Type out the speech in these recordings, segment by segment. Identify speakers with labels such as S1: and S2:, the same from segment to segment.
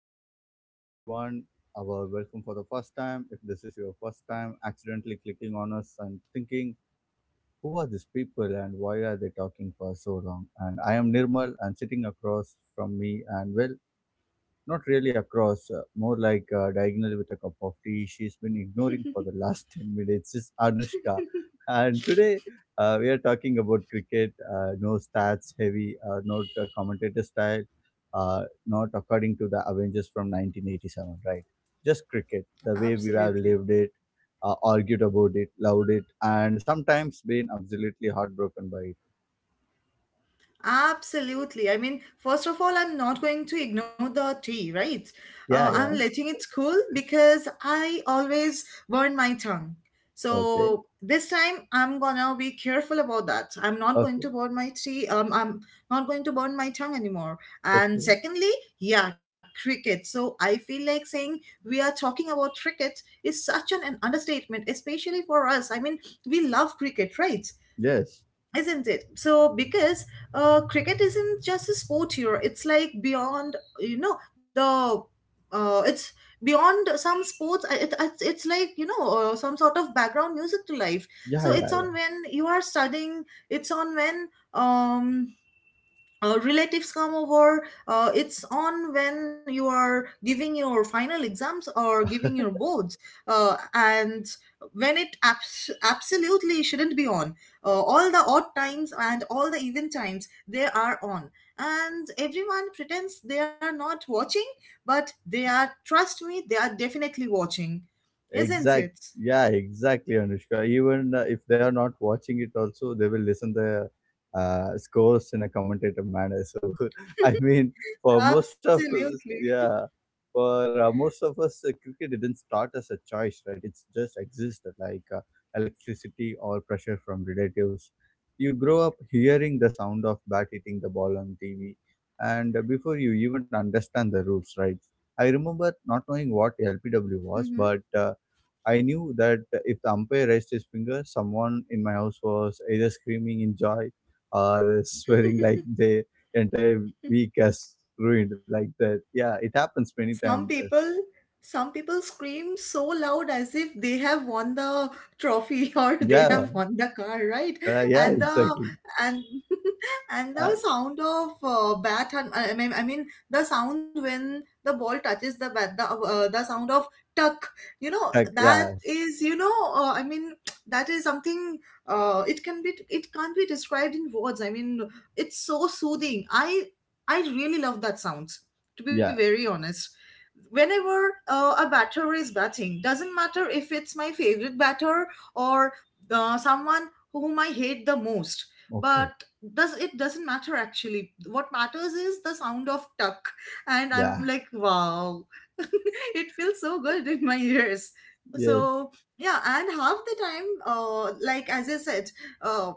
S1: right, welcome back everyone. Our welcome for the first time. If this is your first time accidentally clicking on us and thinking, who are these people and why are they talking for so long? And I am Nirmal and sitting across from me and well, not really across, more like diagonal with a cup of tea. She's been ignoring for the last 10 minutes. It's Anushka. And today we are talking about cricket. No stats heavy, not commentator style, not according to the Avengers from 1987, right? Just cricket, the way we have
S2: Absolutely.
S1: lived it, argued about it, loved it, and sometimes been absolutely heartbroken by it.
S2: Absolutely. I mean, first of all, I'm not going to ignore the tea, right?
S1: Yeah, yeah.
S2: I'm letting it cool because I always burn my tongue.
S1: Okay,
S2: So this time I'm gonna be careful about that. I'm not going
S1: okay,
S2: to burn my tea. I'm not going to burn my tongue anymore. And
S1: okay.
S2: secondly, yeah, cricket. So I feel like saying we are talking about cricket is such an understatement, especially for us. I mean, we love cricket, right?
S1: Yes.
S2: Isn't it so? Because cricket isn't just a sport here, it's like beyond, you know, the it's beyond some sports. It's like, you know, some sort of background music to life.
S1: Yeah,
S2: So it's
S1: yeah,
S2: on
S1: yeah.
S2: when you are studying, it's on when um relatives come over, it's on when you are giving your final exams or giving your boards, and when it absolutely shouldn't be on, all the odd times and all the even times they are on, and everyone pretends they are not watching, but they are, trust me, they are definitely watching. Isn't
S1: Exact.
S2: it?
S1: Yeah, exactly, Anushka. Even if they are not watching it, also they will listen the scores in a commentator manner. So, I mean, for most of us,
S2: Absolutely.
S1: yeah, for most of us, cricket didn't start as a choice, right? It's just existed like electricity or pressure from relatives. You grow up hearing the sound of bat hitting the ball on TV, and before you even understand the rules, right? I remember not knowing what LPW was,
S2: hmm
S1: but I knew that if the umpire raised his finger, someone in my house was either screaming in joy or swearing like the entire week has ruined like that. Yeah, it happens many
S2: some
S1: times.
S2: people some people scream so loud as if they have won the trophy or they have
S1: Yeah,
S2: won the car, right?
S1: yeah,
S2: and the
S1: exactly.
S2: and and the
S1: Uh,
S2: sound of bat, and I mean the sound when the ball touches the bat, the sound of tuck, you know,
S1: like,
S2: that
S1: yeah,
S2: is, you know, I mean, that is something, it can be, it can't be described in words. I mean, it's so soothing. I really love that sounds, to be
S1: yeah,
S2: very honest. Whenever a batter is batting, doesn't matter if it's my favorite batter or someone whom I hate the most, but
S1: okay,
S2: doesn't matter. Actually, what matters is the sound of tuck, and I'm
S1: yeah,
S2: like wow, it feels so good in my ears.
S1: yes,
S2: So yeah, and half the time, like as I said, uh,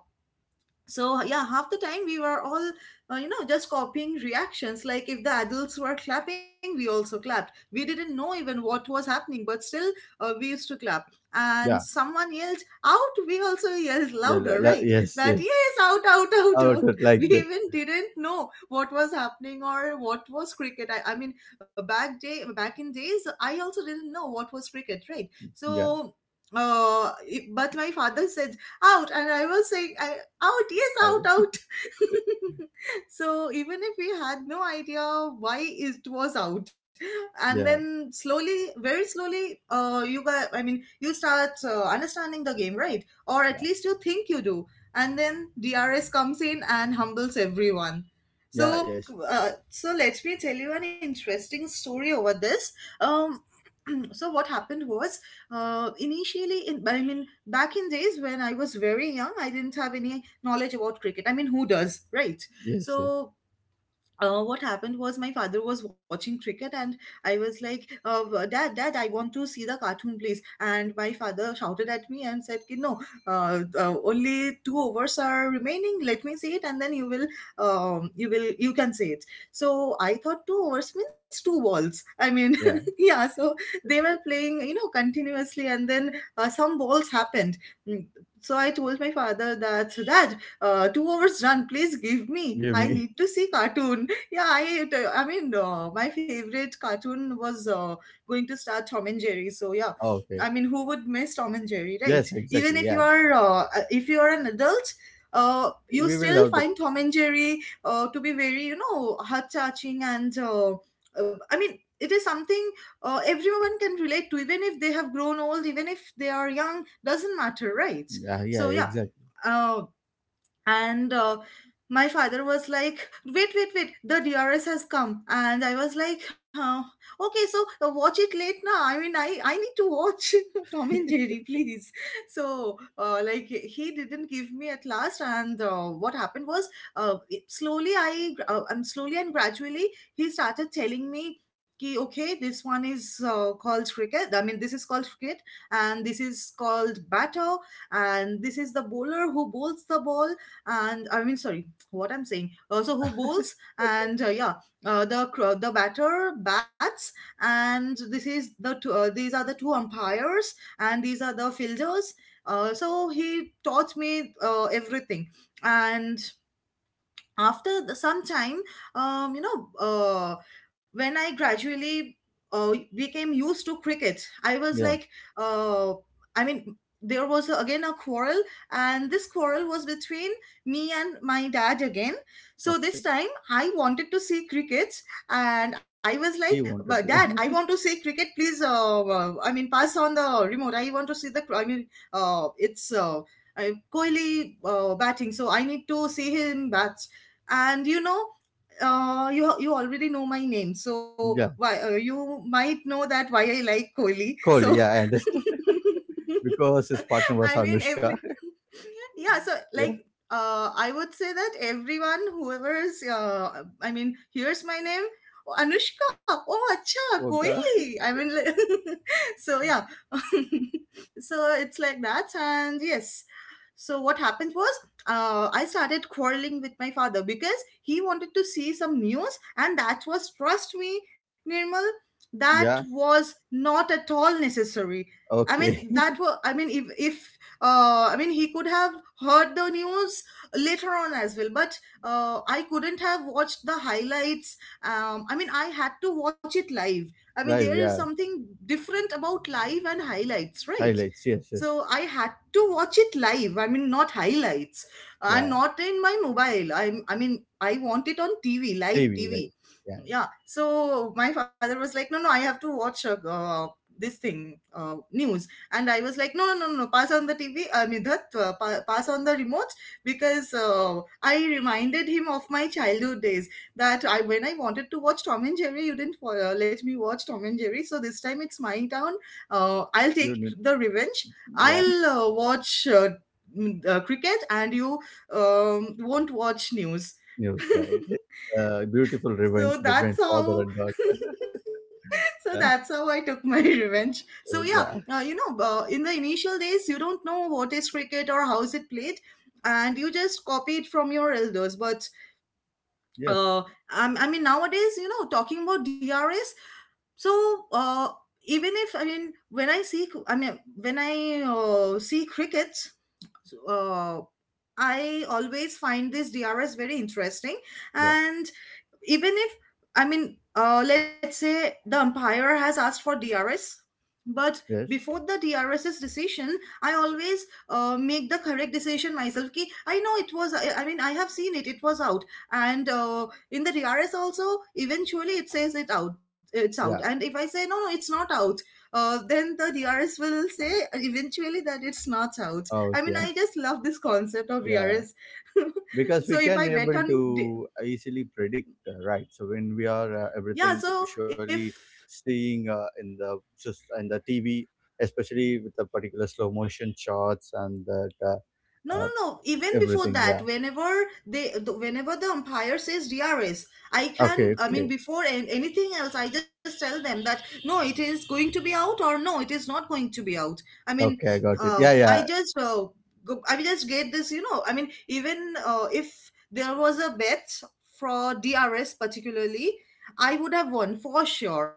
S2: so yeah, half the time we were all, you know, just copying reactions. Like if the adults were clapping, we also clapped. We didn't know even what was happening, but still we used to clap, and
S1: yeah,
S2: someone yelled out, we also yelled
S1: yeah, la,
S2: louder,
S1: la,
S2: right?
S1: yes,
S2: That
S1: yes,
S2: yes, out out out
S1: out
S2: out,
S1: of
S2: we
S1: like that.
S2: even didn't know what was happening or what was cricket. I mean, back in days, I also didn't know what was cricket, right?
S1: Yeah,
S2: So but my father said out, and I was saying out, yes
S1: uh,
S2: out out. So even if we had no idea why it was out, and
S1: yeah,
S2: then slowly, very slowly, you got, I mean you start understanding the game, right? Or at
S1: yeah,
S2: least you think you do. And then DRS comes in and humbles everyone.
S1: yeah,
S2: so
S1: yes,
S2: so let me tell you an interesting story over this. um so what happened was, initially, in I mean back in days when I was very young, I didn't have any knowledge about cricket. I mean, who does, right?
S1: yes, yes,
S2: So what happened was, my father was watching cricket, and I was like, dad, dad, I want to see the cartoon please. And my father shouted at me and said, "Ki, no, only two overs are remaining. Let me see it, and then you will, you will, you can say it." So I thought two overs means two balls, I mean.
S1: yeah.
S2: Yeah, so they were playing, you know, continuously, and then some balls happened. Mm, so I told my father that, dad, 2 hours done, please give me,
S1: Give
S2: I
S1: me.
S2: need to see cartoon. Yeah, I mean, my favorite cartoon was going to start, Tom and Jerry. So yeah,
S1: Okay.
S2: I mean, who would miss Tom and Jerry, right?
S1: Yes,
S2: Even
S1: exactly. Yeah,
S2: if you are an adult, you
S1: we will
S2: still
S1: love the.
S2: find Tom and Jerry to be very, you know, heart touching, and I mean, it is something everyone can relate to, even if they have grown old, even if they are young, doesn't matter, right?
S1: Yeah, yeah,
S2: So yeah.
S1: exactly.
S2: Uh, and My father was like, wait wait wait, the DRS has come. And I was like, okay, so watch it late now, I mean, I need to watch Tom and Jerry please. So like, he didn't give me at last, and what happened was, slowly I, and slowly and gradually he started telling me कि okay, this one is called cricket, I mean this is called cricket, and this is called batter, and this is the bowler who bowls the ball, and I mean, sorry, what I'm saying. So who bowls, and the batter bats, and this is the two, these are the two umpires, and these are the fielders. So he taught me everything, and after some time, you know, when I gradually became used to cricket, I was
S1: Yeah,
S2: like, uh, i mean there was again a quarrel, and this quarrel was between me and my dad again. So
S1: okay.
S2: this time I wanted to see cricket, and I was like,
S1: He
S2: but
S1: wanted
S2: dad, I want
S1: to.
S2: to see cricket please, I mean, pass on the remote, I want to see I mean, it's Kohli batting, so I need to see him bat. And you know, you already know my name, so
S1: Yeah,
S2: why you might know that why I like Kohli. So
S1: Kohli. Yeah, I understand because his partner
S2: I
S1: was
S2: mean
S1: Anushka.
S2: every yeah. So like,
S1: Yeah,
S2: I would say that everyone whoever's, I mean, hears my name, "Oh, Anushka, oh, acha,
S1: okay.
S2: Kohli." I mean, like, so yeah, so it's like that, and yes. So what happened was, I started quarreling with my father because he wanted to see some news, and that was, trust me, Nirmal, that
S1: Yeah,
S2: was not at all necessary. I mean,
S1: okay.
S2: that was, I mean, if, I mean, he could have heard the news later on as well, but I couldn't have watched the highlights. I mean, I had to watch it live. I mean, there
S1: Live.
S2: is
S1: Yeah,
S2: something different about live and highlights, right?
S1: highlights. Yes, yes.
S2: So I had to watch it live, I mean, not highlights, and
S1: Yeah,
S2: not in my mobile. I mean, I want it on TV, live
S1: TV. Right.
S2: TV.
S1: Yeah,
S2: Yeah, so my father was like, no no, I have to watch, this thing, news. And I was like, no no no no no, pass on the TV, I mean that, pass on the remote, because I reminded him of my childhood days, that I when I wanted to watch Tom and Jerry, you didn't let me watch Tom and Jerry, so this time it's my turn. I'll take
S1: you.
S2: the revenge,
S1: Yeah,
S2: I'll watch cricket, and you won't watch news.
S1: news. Right. Beautiful
S2: So
S1: revenge
S2: that's
S1: between father
S2: how
S1: and daughter.
S2: so
S1: Yeah,
S2: that's how I took my revenge. So
S1: yeah.
S2: yeah, you know, in the initial days, you don't know what is cricket or how is it played, and you just copy it from your elders. But
S1: Yes.
S2: uh, I mean, nowadays, you know, talking about DRS, so uh, even if, when I see, I mean, when I see cricket, uh, I always find this DRS very interesting.
S1: Yeah.
S2: And even if, let's say the umpire has asked for DRS, but
S1: Yes.
S2: before the DRS's decision, I always make the correct decision myself, ki I know it was, I have seen it, it was out. And in the DRS also, eventually it says it's out.
S1: Yeah.
S2: And if I say no no, it's not out, then the DRS will say eventually that it's not out.
S1: Oh,
S2: I mean,
S1: yeah.
S2: I just love this concept of
S1: Yeah.
S2: DRS.
S1: Because we
S2: So if
S1: can
S2: I
S1: able
S2: bet on,
S1: to easily predict, right, so when we are,
S2: yeah,
S1: everything
S2: so
S1: visually
S2: if,
S1: seeing, in the just in the TV, especially with the particular slow motion shots and that,
S2: no no no, even before
S1: everything,
S2: that,
S1: yeah.
S2: whenever whenever the umpire says DRS, I
S1: Okay,
S2: can, I mean,
S1: okay,
S2: before anything else, I just tell them that no, it is going to be out, or no, it is not going to be out. I mean,
S1: okay, I got it, yeah,
S2: I
S1: yeah.
S2: just go, I just get this, you know, I mean, even if there was a bet for DRS particularly, I would have won for sure.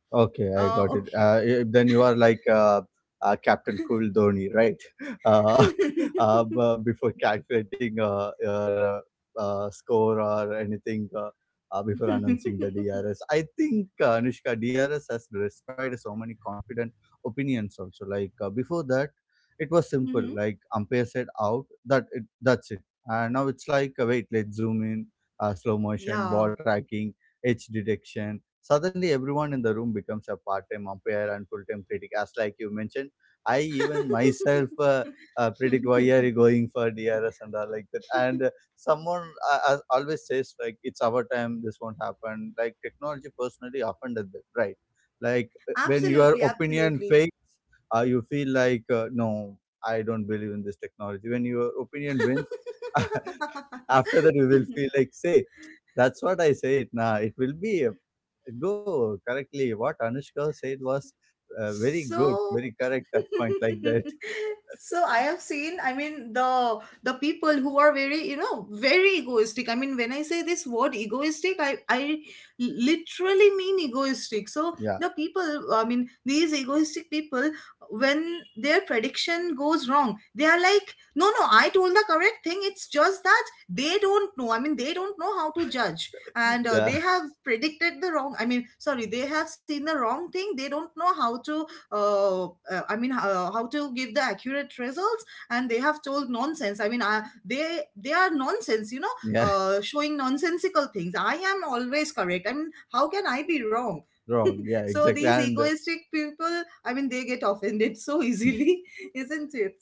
S1: Okay, I got it.
S2: Okay.
S1: Then you are like Captain Cool Dhoni, right? Uh, Before calculating your score or anything, before announcing the DRS, I think Anushka DRS has destroyed so many confident opinions. Also, like before that, it was simple.
S2: Mhm.
S1: Like umpire said out, that's it. And now it's like wait, let's zoom in, slow motion, ball
S2: Yeah.
S1: tracking, edge detection. Suddenly, everyone in the room becomes a part-time umpire and full-time critic. As like you mentioned, I even myself predict why are you going for DRS and all like that. And someone always says like it's our time, this won't happen. Like technology personally offended them, right? Like when your
S2: Absolutely,
S1: opinion
S2: absolutely.
S1: fades, you feel like no, I don't believe in this technology. When your opinion wins, after that you will feel like, say that's what I say it now, it will be a go, correctly. What Anushka said was very good,
S2: so
S1: very correct at point like that.
S2: so I have seen, I mean, the people who are very, you know, very egoistic. I mean, when I say this word egoistic, I literally mean egoistic. So
S1: Yeah,
S2: the people, I mean, these egoistic people, when their prediction goes wrong, they are like, no, I told the correct thing. It's just that they don't know. I mean, they don't know how to judge, and they
S1: yeah,
S2: have predicted the wrong, I mean, sorry, they have seen the wrong thing. They don't know how to uh, uh, how to give the accurate results, and they have told nonsense. I mean, they are nonsense, you know,
S1: yeah,
S2: showing nonsensical things. I am always correct. I mean, how can I be wrong?
S1: wrong. Yeah,
S2: So
S1: exactly.
S2: these
S1: And
S2: egoistic people, I mean, they get offended so easily, isn't it?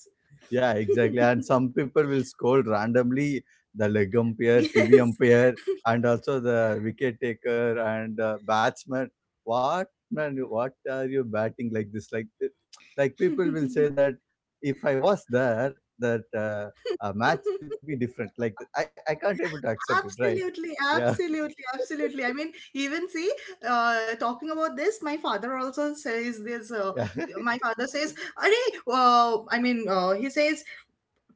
S1: yeah, exactly. And some people will scold randomly the leg umpire, TV
S2: Yes.
S1: umpire, and also the wicket taker and batsman. What man? What are you batting like this? Like, like people will say that if I was there, that a match will be different. Like, I can't able to accept it. Right?
S2: Absolutely,
S1: Yeah,
S2: absolutely, absolutely. I mean, even see, talking about this, my father also says this.
S1: yeah.
S2: My father says, "Arey, I mean, he says,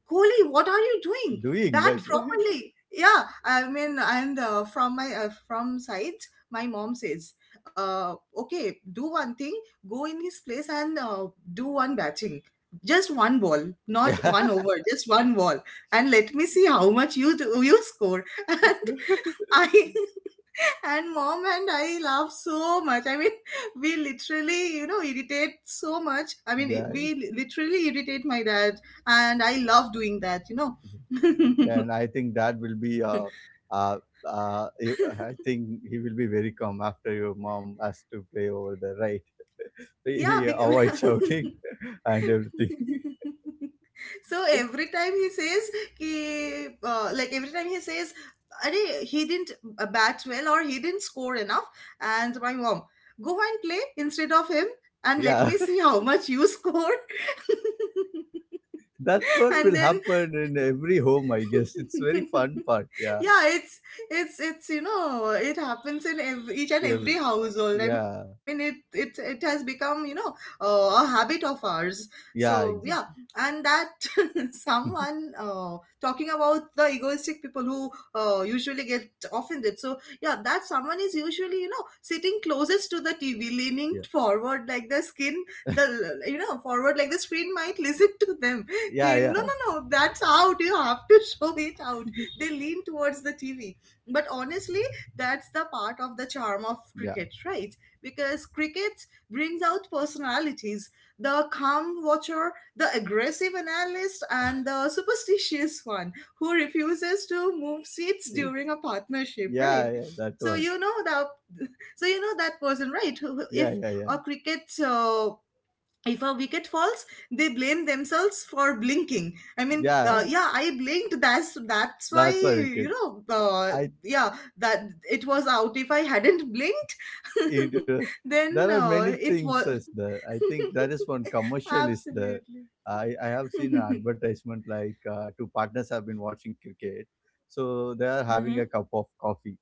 S2: Kohli, what are you doing?
S1: Doing
S2: Bat
S1: like,
S2: properly." Yeah, I mean, and from my from sides, my mom says, "Okay, do one thing. Go in his place and do one batting." Just one ball, not
S1: yeah,
S2: one over, just one ball, and let me see how much you do, you score. I and mom and I laugh so much. I mean, we literally, you know, irritate so much. I mean,
S1: yeah.
S2: literally irritate my dad, and I love doing that, you know.
S1: And I think that will be uh, you- I think he will be very calm after your mom has to play over there, right? He,
S2: Yeah,
S1: he
S2: because
S1: avoids shouting and everything.
S2: so
S1: It's,
S2: every time he says, "Ki like every time he says, Are, he didn't bat well, or he didn't score enough, and my mom, go and play instead of him and let
S1: yeah,
S2: me see how much you score.
S1: that one
S2: And
S1: will
S2: then
S1: happen in every home, I guess. It's very fun part. Yeah,
S2: yeah, it's you know, it happens in every, each and
S1: every,
S2: every household. I mean, it
S1: yeah,
S2: it it has become, you know, a habit of ours. So
S1: yeah,
S2: yeah,
S1: exactly.
S2: and that someone talking about the egoistic people who usually get offended. So yeah, that someone is usually, you know, sitting closest to the TV,
S1: Yeah,
S2: leaning forward like the skin, the, you know, forward like the screen might listen to them.
S1: yeah,
S2: Okay, no
S1: yeah,
S2: no no that's out, you have to show it out. They lean towards the TV. But honestly, that's the part of the charm of
S1: yeah.
S2: cricket, right? Because cricket brings out personalities: the calm watcher, the aggressive analyst, and the superstitious one who refuses to move seats
S1: See,
S2: during a partnership, right?
S1: yeah, yeah, that
S2: So
S1: one.
S2: you know that so you know that person, right,
S1: Yeah,
S2: if
S1: yeah, yeah,
S2: a cricket if a wicket falls, they blame themselves for blinking. I mean,
S1: yeah.
S2: yeah, I blinked, that's why,
S1: That's why we
S2: you
S1: kid.
S2: know.
S1: I.
S2: Yeah, that, it was out if I hadn't blinked.
S1: It was.
S2: Then
S1: There are many
S2: it
S1: things
S2: was
S1: as there. I think that is one commercial is there.
S2: absolutely
S1: I have seen an advertisement like two partners have been watching cricket, so they are having
S2: hmm,
S1: a cup of coffee.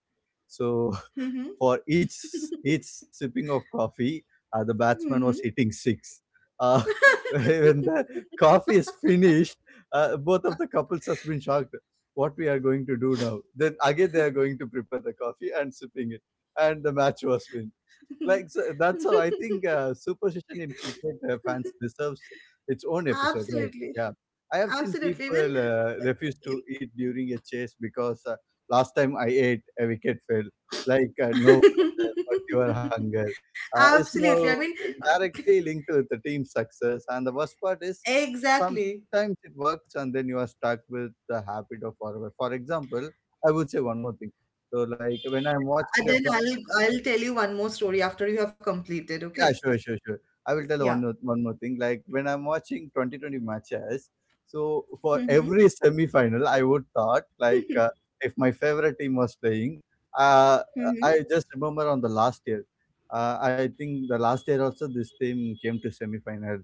S1: So
S2: hmm,
S1: for each sipping of coffee, the batsman was
S2: hmm.
S1: hitting six. Uh, when the coffee is finished, both of the couples has been shocked. What we are going to do now? Then again, they are going to prepare the coffee and sipping it, and the match was win. Like, so that's how I think superstition in cricket fans deserves its own episode, right?
S2: Absolutely,
S1: Yeah, I have seen
S2: absolutely when
S1: people refuse to eat during a chase because last time I ate a wicket fell, like no pressure, but your hunger is
S2: Absolutely. I
S1: now
S2: mean, uh,
S1: directly linked with the team success. And the worst part is
S2: exactly.
S1: sometimes it works and then you are stuck with the habit of forever. For example, I would say one more thing. So, like when I'm
S2: And
S1: watching a.
S2: then I'll tell you one more story after you have completed.
S1: Yeah,
S2: Okay.
S1: sure, sure, sure. I will tell
S2: Yeah.
S1: one more thing. Like when I'm watching 2020 matches, so for every semi-final, I would thought like
S2: Mm-hmm.
S1: if my favorite team was playing, uh,
S2: Mm-hmm.
S1: I just remember on the last year. I think the last year also this team came to semi-final.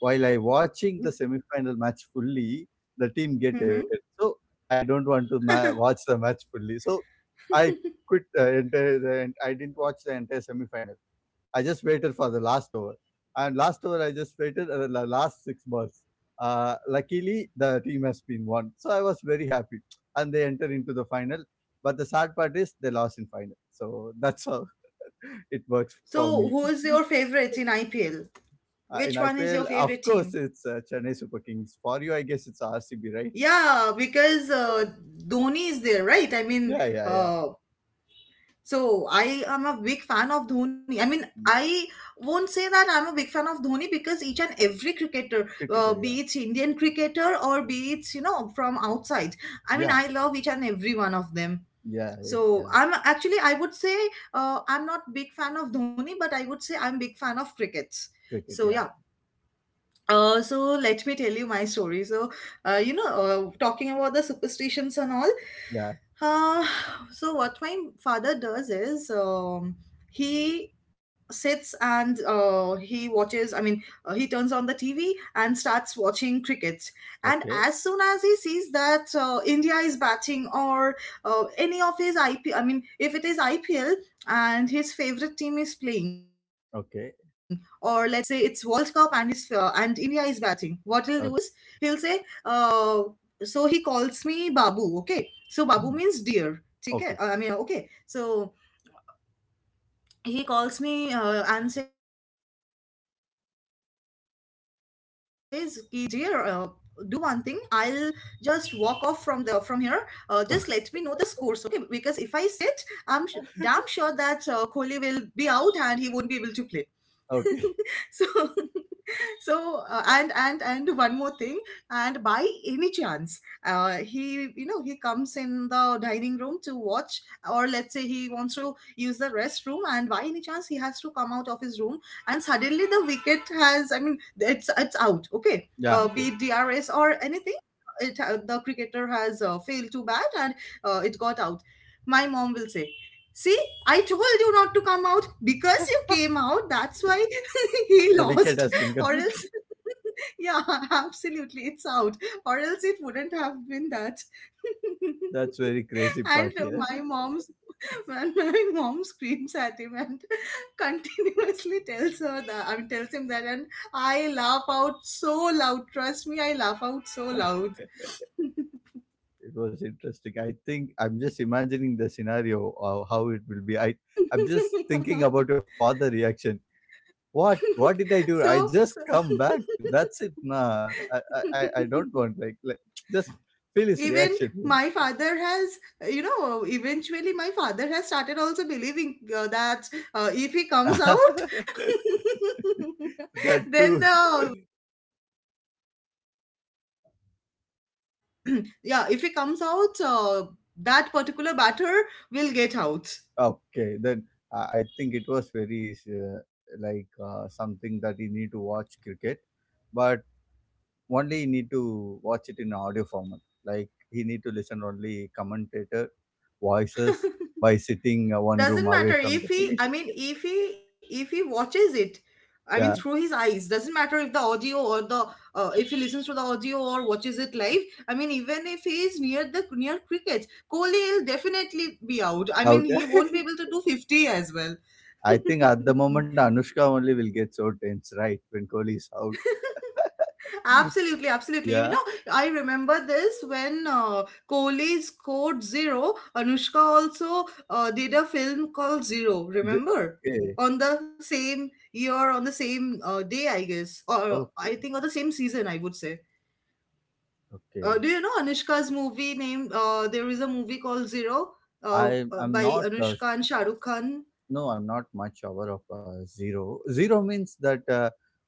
S1: While I watching the semi-final match fully, the team get
S2: Mm-hmm.
S1: evicted. So I don't want to watch the match fully. So I quit, I didn't watch the entire semi-final. I just waited for the last over. And last over, I just waited the last six balls. Luckily, the team has been won. So I was very happy. And they enter into the final. But the sad part is they lost in final. So that's how it works for me.
S2: So, who is your favorite in IPL?
S1: In
S2: Which one is
S1: IPL,
S2: your
S1: of
S2: favorite
S1: course,
S2: team?
S1: it's Chennai Super Kings. For you, I guess it's RCB, right?
S2: Yeah, because Dhoni is there, right? I mean,
S1: Yeah, yeah, yeah.
S2: uh, so I am a big fan of Dhoni. I mean,
S1: Mm,
S2: I won't say that I'm a big fan of Dhoni, because each and every cricketer,
S1: cricketer,
S2: be
S1: yeah.
S2: it Indian cricketer or be it, you know, from outside, I mean,
S1: Yeah,
S2: I love each and every one of them.
S1: yeah, yeah,
S2: So
S1: yeah.
S2: I'm actually, I would say, I'm not big fan of Dhoni, but I would say I'm big fan of crickets.
S1: Cricket,
S2: So
S1: yeah.
S2: yeah, so let me tell you my story. So, you know, talking about the superstitions and all.
S1: Yeah.
S2: Uh, so what my father does is he sits and he watches. I mean, he turns on the TV and starts watching cricket. And
S1: Okay.
S2: as soon as he sees that India is batting, or any of his IP, I mean, if it is IPL and his favorite team is playing, or let's say
S1: Okay.
S2: it's World Cup and is and India is batting, what he'll do is he'll say,
S1: Okay.
S2: uh, so he calls me Babu. Okay, so Babu means
S1: Mm,
S2: dear. ठीक है I
S1: okay.
S2: mean okay. So he calls me and says, कि dear, do one thing. I'll just walk off from the from here. Just let me know the scores, okay? Because if I sit, damn sure that Kohli will be out and he won't be able to play. So,
S1: Okay.
S2: so and one more thing, and by any chance, he, you know, he comes in the dining room to watch, or let's say he wants to use the restroom, and by any chance he has to come out of his room and suddenly the wicket has, I mean, it's out, okay, be it
S1: Yeah.
S2: DRS
S1: Okay.
S2: or anything, it the cricketer has failed to bat and it got out. My mom will say, "See, I told you not to come out, because you came out, that's why he
S1: The
S2: lost,
S1: wicket has been
S2: or else,"
S1: gone.
S2: yeah, absolutely, it's out, or else it wouldn't have been that.
S1: That's very crazy
S2: And
S1: part here.
S2: my mom's, and my mom screams at him and continuously tells her, that I mean tells him that, and I laugh out so loud. Trust me, I laugh out so loud.
S1: It was interesting. I think I'm just imagining the scenario of how it will be. I'm just thinking about your father reaction. What did I do? I
S2: So,
S1: just
S2: so
S1: come back. That's it. Nah, I don't want, like just feel his
S2: even
S1: reaction.
S2: my father has, you know, eventually my father has started also believing that if he comes
S1: That
S2: out, then
S1: too.
S2: the yeah, if he comes out, that particular batter will get out.
S1: Okay, then I think it was very uh, like something that you need to watch cricket, but only he need to watch it in audio format. Like he need to listen only commentator voices by sitting one room
S2: Doesn't
S1: away
S2: matter
S1: from
S2: if
S1: the
S2: he, I
S1: TV.
S2: mean, if he, if he watches it, I mean, through
S1: Yeah,
S2: his eyes, doesn't matter if the audio or the if he listens to the audio or watches it live, I mean, even if he is near the near cricket, Kohli will definitely be out. I
S1: out.
S2: mean, he won't be able to do 50 as well.
S1: I think at the moment Anushka only will get so tense, right? When Kohli is out.
S2: Absolutely, absolutely. You
S1: Yeah.
S2: know, I remember this when Kohli scored zero. Anushka also did a film called Zero.
S1: The-
S2: Remember,
S1: okay.
S2: on the same year, on the same day, I guess, or I
S1: Okay.
S2: think on the same season, I would say.
S1: Okay.
S2: Do you know Anushka's movie name? There is a movie called Zero
S1: I I'm
S2: by
S1: not.
S2: Anushka and Shah Rukh Khan.
S1: No, I'm not much aware of zero. Zero means that uh,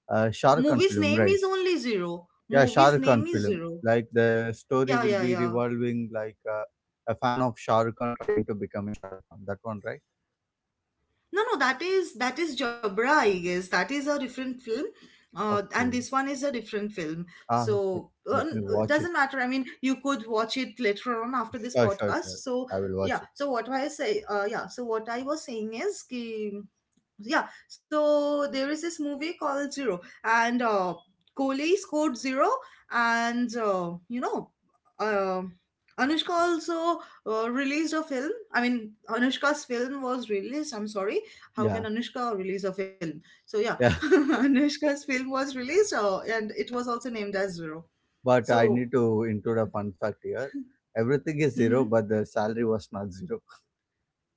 S1: uh, Shah Rukh Khan
S2: Movie's
S1: film,
S2: name
S1: right?
S2: is only Zero.
S1: Yeah, Shah
S2: Movie's
S1: Rukh Khan
S2: name is
S1: film.
S2: Zero.
S1: Like the story
S2: Yeah,
S1: will
S2: yeah,
S1: be
S2: yeah.
S1: revolving like a fan of Shah Rukh Khan trying to become a Shah Rukh Khan. That one, right?
S2: No, no, that is Jabra, I guess. That is a different film, and
S1: Okay.
S2: this one is a different film.
S1: Ah, okay.
S2: So
S1: Let me watch it.
S2: doesn't matter. I mean, you could watch it later on after this
S1: Sure, sure,
S2: podcast.
S1: sure.
S2: So
S1: I will
S2: yeah.
S1: watch it.
S2: So what I say, yeah. So what I was saying is, ki, yeah, so there is this movie called Zero, and Kohli scored zero, and you know, uh, Anushka also released a film, I mean, Anushka's film was released, I'm sorry, how can
S1: Yeah,
S2: Anushka release a film, so yeah.
S1: yeah.
S2: Anushka's film was released, and it was also named as Zero.
S1: But I
S2: So
S1: need to include a fun fact here. Everything is zero,
S2: mhm.
S1: but the salary was not zero.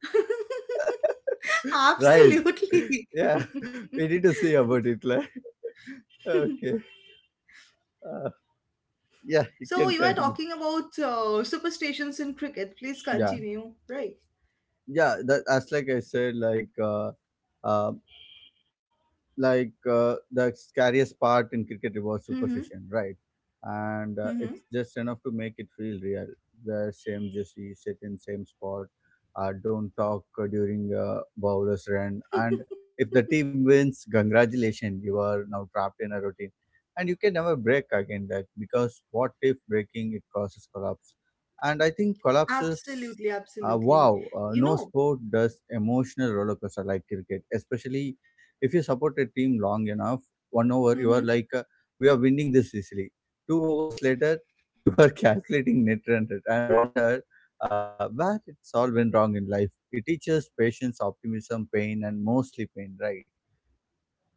S1: Right.
S2: Absolutely.
S1: Yeah. We need to see about it. Like, okay. Uh, yeah, you
S2: So
S1: can
S2: you are
S1: continue.
S2: talking about superstitions in cricket. Please
S1: Yeah.
S2: continue. Right.
S1: Yeah, that, as like I said, uh, like the scariest part in cricket was
S2: Mm-hmm.
S1: superstition, right? And
S2: Mm-hmm.
S1: it's just enough to make it feel real. Wear same jersey, sit in same spot, don't talk during a bowler's run, and if the team wins, congratulations, you are now trapped in a routine, and you can never break again that, because what if breaking it causes collapse, and I think collapses.
S2: Absolutely. Absolutely.
S1: Wow,
S2: You
S1: no
S2: know.
S1: sport does emotional roller coaster like cricket, especially if you support a team long enough, 1 hour, you
S2: Mm-hmm.
S1: are like, we are winning this easily. 2 hours later, you are calculating net run and wonder where it's all went wrong in life. It teaches patience, optimism, pain, and mostly pain, right?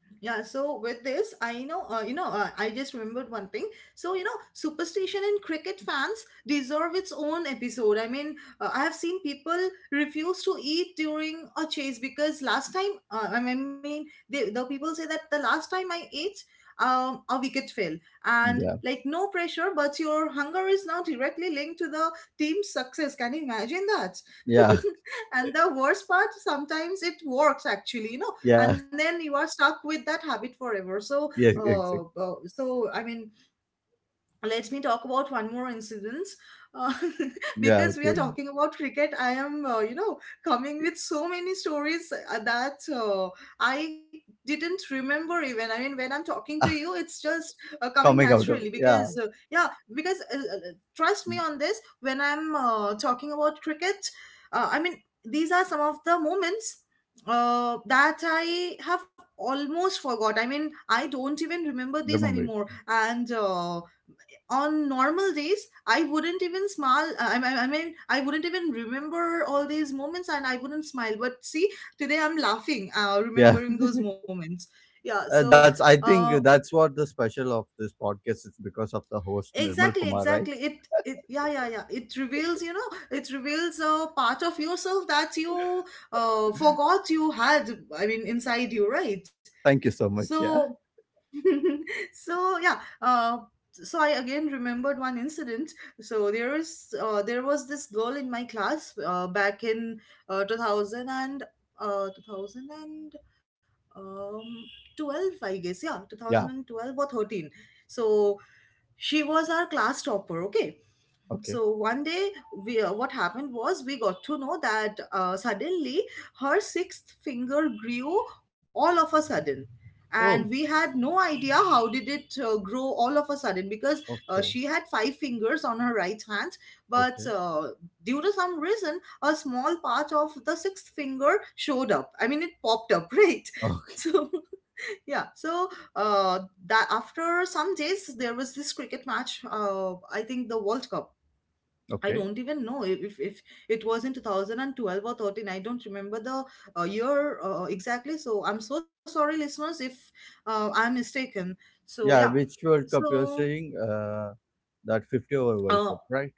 S2: Yeah, so with this, I, you know, I just remembered one thing. So, you know, superstition in cricket fans deserve its own episode. I mean, I have seen people refuse to eat during a chase, because last time, they, the people say that the last time I ate, a wicket fell, and
S1: Yeah.
S2: like, no pressure, but your hunger is now directly linked to the team's success. Can you imagine that?
S1: Yeah.
S2: And the worst part, sometimes it works actually. You know, and
S1: Yeah.
S2: then you are stuck with that habit forever. So
S1: Yeah. Exactly.
S2: so I mean, let me talk about one more incident. uh,
S1: Yeah.
S2: because we are
S1: Okay.
S2: talking about cricket, I am, you know, coming with so many stories, that I didn't remember even. I mean, when I'm talking to
S1: Ah,
S2: you, it's just coming
S1: coming out
S2: naturally,
S1: of,
S2: because
S1: yeah.
S2: yeah, because trust me on this, when I'm talking about cricket, I mean, these are some of the moments that I have almost forgot. I mean, I don't even remember these
S1: Remember it.
S2: anymore. And On normal days I wouldn't even smile, I mean I wouldn't even remember all these moments and I wouldn't smile, but see, today I'm laughing,
S1: Yeah.
S2: remembering those moments. Yeah.
S1: That's, I think,
S2: Uh,
S1: that's what the special of this podcast is because of the host Nirmal
S2: exactly,
S1: Kumar, right?
S2: exactly, it yeah, yeah, yeah, it reveals, it reveals a part of yourself that you forgot you had, I mean, inside you, right?
S1: Thank you so much. Yeah.
S2: So. so yeah. uh, so I again remembered one incident. so there is there was this girl in my class, back in 2000 and uh, 2000 and um, 12, I guess. Yeah,
S1: Yeah.
S2: 2012 or 13. So she was our class topper. Okay.
S1: Okay.
S2: So one day, we, what happened was, we got to know that, suddenly, her sixth finger grew, all of a sudden. And we
S1: Oh,
S2: had no idea how did it grow all of a sudden, because
S1: okay.
S2: she had five fingers on her right hand, but
S1: Okay.
S2: due to some reason, a small part of the sixth finger showed up. I mean, it popped up, right?
S1: Okay.
S2: So yeah. So uh, that, after some days, there was this cricket match, I think the World Cup. I
S1: Okay.
S2: don't even know if it was in 2012 or 13. I don't remember the year exactly. So I'm so sorry, listeners, if I'm mistaken. So, yeah.
S1: Yeah. Which World Cup you're
S2: So,
S1: saying? That 50 over World
S2: uh,
S1: Cup, right?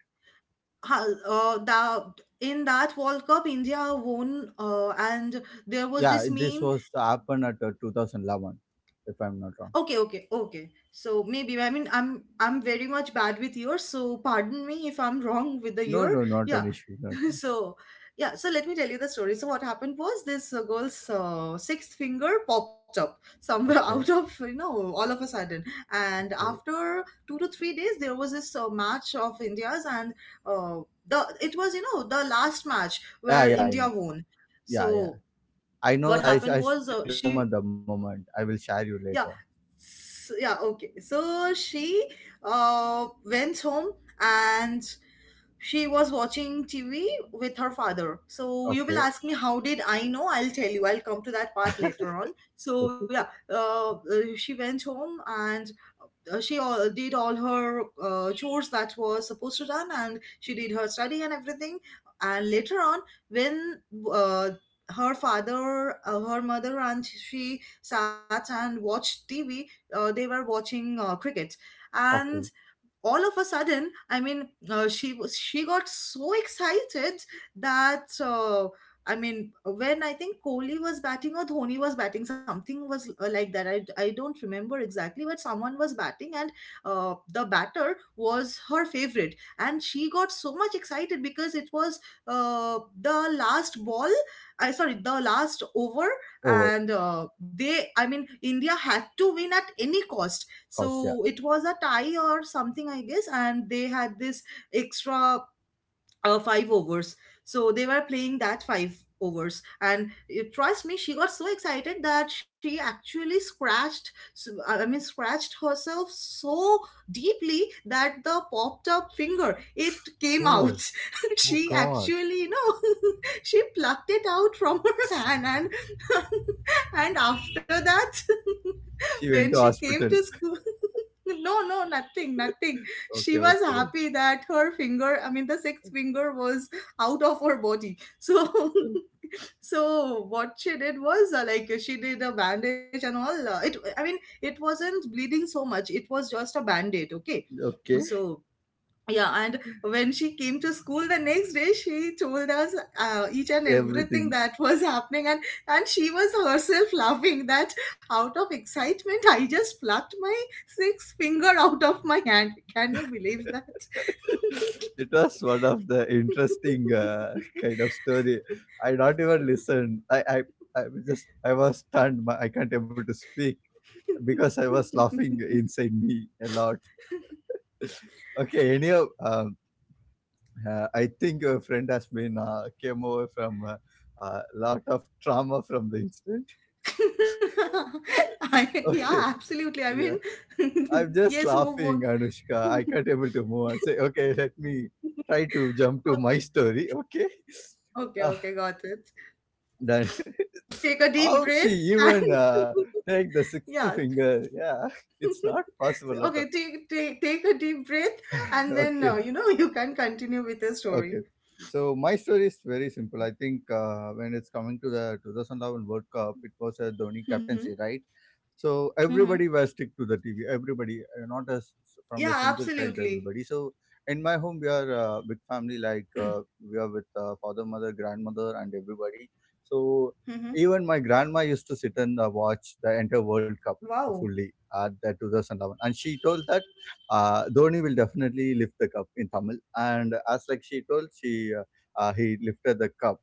S2: ha- uh, the, in that World Cup, India won, and there was
S1: Yeah.
S2: this
S1: This
S2: meme.
S1: was happened at 2011, if I'm not wrong.
S2: Okay, okay, okay. So maybe, I mean I'm very much bad with years, so pardon me if I'm wrong with the
S1: No,
S2: year.
S1: no, not
S2: Yeah.
S1: an issue. Not an issue.
S2: so yeah, so let me tell you the story. So what happened was, this girl's sixth finger popped up somewhere, out
S1: Okay.
S2: of, you know, all of a sudden. And
S1: Okay.
S2: after two to three days, there was this match of India's, and uh, the it was, you know, the last match
S1: Yeah.
S2: where
S1: Yeah. I know.
S2: India won.
S1: Yeah. Yeah.
S2: So
S1: I know.
S2: what
S1: I.
S2: happened
S1: I
S2: was,
S1: still remember
S2: she,
S1: the moment. I will share you
S2: yeah,
S1: later.
S2: yeah, okay, so she went home and she was watching TV with her father. So you will
S1: Okay.
S2: ask me, how did I know? I'll tell you. I'll come to that part later on. So
S1: Okay.
S2: yeah, uh, uh, she went home and she did all her chores that was supposed to done, and she did her study and everything. And later on, when uh, her father, her mother, and she sat and watched TV, they were watching cricket, and
S1: Okay.
S2: all of a sudden, I mean, she was, she got so excited that, I mean, when I think Kohli was batting, or Dhoni was batting, something was like that. I don't remember exactly, but someone was batting, and the batter was her favorite, and she got so much excited because it was the last ball, I sorry the last over.
S1: Over.
S2: And they, I mean, India had to win at any cost.
S1: Cost. Yeah.
S2: So it was a tie or something, I guess, and they had this extra five overs. So they were playing that five overs, and, you trust me, she got so excited that she actually scratched. I mean, scratched herself so deeply that the popped up finger, it came
S1: Oh,
S2: out.
S1: oh
S2: She
S1: God.
S2: actually, you know, she plucked it out from her hand. And and after that,
S1: She
S2: when
S1: went to
S2: she came to
S1: hospital.
S2: school. No, no, nothing, nothing, she
S1: Okay.
S2: was
S1: Okay. Then.
S2: happy that her finger, I mean, the sixth finger was out of her body. So so what she did was, like, she did a bandage and all. Uh, it i mean it wasn't bleeding so much, it was just a bandage. Okay.
S1: Okay.
S2: So yeah, and when she came to school the next day, she told us each and everything
S1: Everything.
S2: that was happening. And she was herself laughing that, out of excitement, I just plucked my sixth finger out of my hand. Can you believe that?
S1: It was one of the interesting kind of story. I not even listened. I was just I was stunned. My- I can't able to speak because I was laughing inside me a lot. Okay, anyhow, I think your friend has been came over from a lot of trauma from the incident.
S2: I, yeah,
S1: Okay,
S2: absolutely. I
S1: yeah.
S2: mean,
S1: I'm just
S2: yes, who
S1: laughing,
S2: won't?
S1: Anushka. I can't able to move on. Say, okay, let me try to jump to my story. Okay.
S2: Okay,
S1: Ah,
S2: okay, got it.
S1: done.
S2: Take a deep
S1: How she
S2: breath, and
S1: even take the sixth
S2: yeah,
S1: finger? Yeah, it's not possible at
S2: okay,
S1: all.
S2: take take a deep breath, and then,
S1: Okay.
S2: you know, you can continue with the story.
S1: Okay. So my story is very simple. I think when it's coming to the 2011 World Cup, it was a Dhoni
S2: Mm-hmm.
S1: captaincy, right? So
S2: Mm-hmm.
S1: everybody was stick to the TV. Everybody, not us from
S2: Yeah,
S1: a single child to
S2: absolutely.
S1: everybody. So in my home, we are a big family. Like we are with father, mother, grandmother, and everybody. So
S2: Mm-hmm.
S1: even my grandma used to sit and watch the entire World Cup
S2: Wow.
S1: fully at the 2011, and she told that Dhoni will definitely lift the cup in Tamil. And as like she told, she he lifted the cup.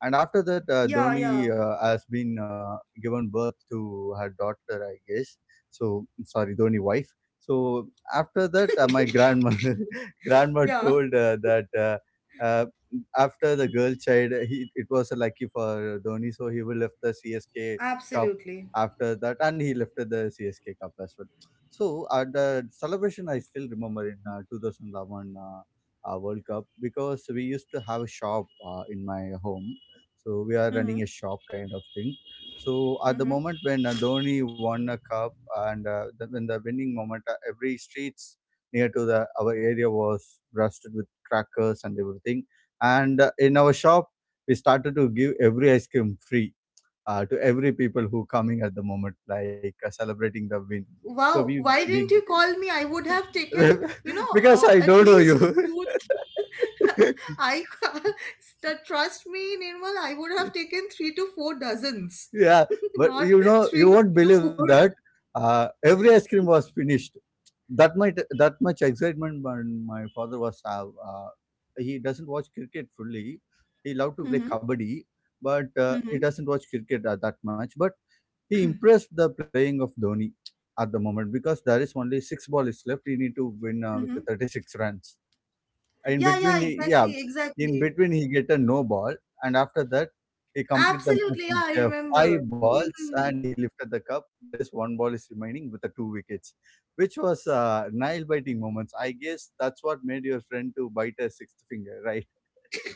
S1: And after that,
S2: Yeah,
S1: Dhoni
S2: yeah,
S1: has been given birth to her daughter, I guess. So sorry, Dhoni wife. So after that, my grandma grandma
S2: yeah.
S1: told that uh, after the girl child, he, it was lucky for Dhoni, so he will lift the CSK cup
S2: Absolutely.
S1: after that, and he lifted the CSK cup as well. So at the celebration, I still remember in 2011 World Cup because we used to have a shop in my home. So we are
S2: Mm-hmm.
S1: running a shop kind of thing. So at the
S2: Mm-hmm.
S1: moment when Dhoni won a cup and the, when the winning moment, every streets near to the our area was rusted with crackers and everything. And in our shop, we started to give every ice cream free to every people who coming at the moment, like celebrating the win. So
S2: Wow,
S1: we
S2: why
S1: we
S2: didn't you call me? I would have taken, you know,
S1: because I
S2: at
S1: don't know
S2: least
S1: you.
S2: two. th- I the trust me, Nirmal, I would have taken three to four dozens,
S1: Yeah, but
S2: not
S1: you know you
S2: three to
S1: won't
S2: four.
S1: believe that every ice cream was finished. That might that much excitement when my father was have. He doesn't watch cricket fully. He loved to play
S2: Mm-hmm,
S1: kabaddi, but he
S2: mm-hmm,
S1: doesn't watch cricket that much. But he impressed the playing of Dhoni at the moment because there is only 6 ball is left. He need to win with
S2: mm-hmm.
S1: the 36 runs. In
S2: Yeah,
S1: between,
S2: yeah,
S1: he, yeah,
S2: exactly,
S1: in
S2: exactly.
S1: between he get a no ball, and after that he complete the match
S2: Absolutely, yeah,
S1: with
S2: I
S1: five
S2: remember.
S1: balls, and he lifted the cup. There is 1 ball is remaining with the 2 wickets, which was nail biting moments. I guess that's what made your friend to bite her sixth finger, right?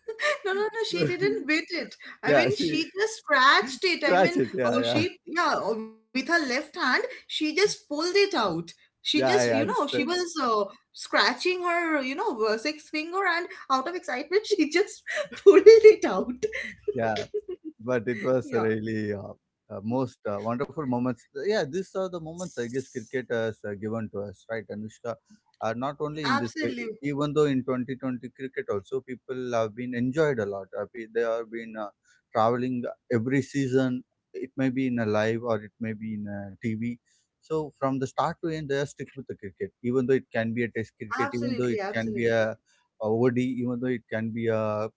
S2: No, no, no. She
S1: So,
S2: didn't bit it. I
S1: yeah,
S2: mean,
S1: she
S2: she just scratched it. I mean,
S1: scratch it. Yeah, yeah,
S2: she, yeah, with her left hand, she just pulled it out. She just,
S1: yeah.
S2: you
S1: I
S2: know, she was
S1: understand.
S2: scratching her, you know, sixth finger, and out of excitement, she just pulled it out.
S1: Yeah. But it was
S2: Yeah.
S1: really most wonderful moments. Yeah, these are the moments I guess cricket has given to us, right, Anushka? Not only in this way, e-
S2: Absolutely.
S1: even though in 2020 cricket also people have been enjoyed a lot. They have been traveling every season. It may be in a live or it may be in a TV. So from the start to end, they are stick with the cricket. Even though it can be a test cricket, even though
S2: Absolutely.
S1: it can be
S2: Absolutely.
S1: a OD, even though it can be a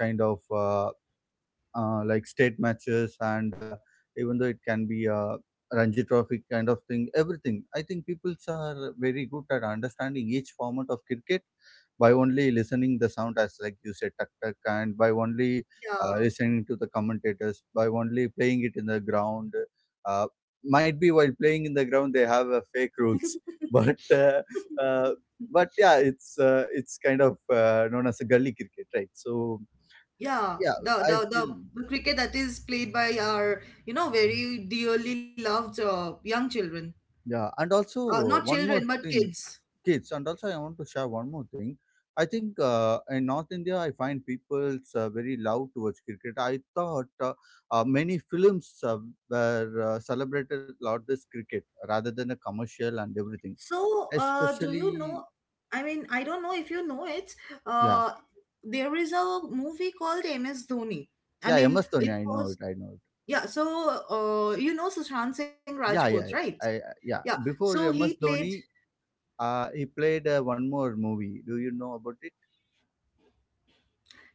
S1: kind of. Like state matches and even though it can be a Ranji Trophy kind of thing, everything. I think people are very good at understanding each format of cricket by only listening the sound as like you said tuck tuck and by only
S2: Yeah.
S1: listening to the commentators by only playing it in the ground uh, might be while playing in the ground they have fake rules but uh, uh, but yeah it's kind of known as a gully cricket, right? So
S2: Yeah,
S1: yeah,
S2: the,
S1: I
S2: the
S1: feel.
S2: the the cricket that is played by our, you know, very dearly loved young children.
S1: Yeah, and also
S2: Not
S1: one more
S2: children, but
S1: thing,
S2: kids.
S1: kids, and also I want to share one more thing. I think in North India, I find people's very love towards cricket. I thought many films were celebrated a lot this cricket rather than a commercial and everything.
S2: So, do you know?
S1: Especially,
S2: I mean, I don't know if you know it.
S1: yeah,
S2: Uh, there is a movie called MS Dhoni. I
S1: yeah,
S2: mean,
S1: MS Dhoni,
S2: it
S1: I know
S2: was,
S1: it, I know it.
S2: yeah. So, you know Sushant Singh
S1: Yeah,
S2: Rajput,
S1: yeah,
S2: right?
S1: yeah, yeah.
S2: Yeah.
S1: Before
S2: So he
S1: MS
S2: played.
S1: Dhoni, he played one more movie. Do you know about it?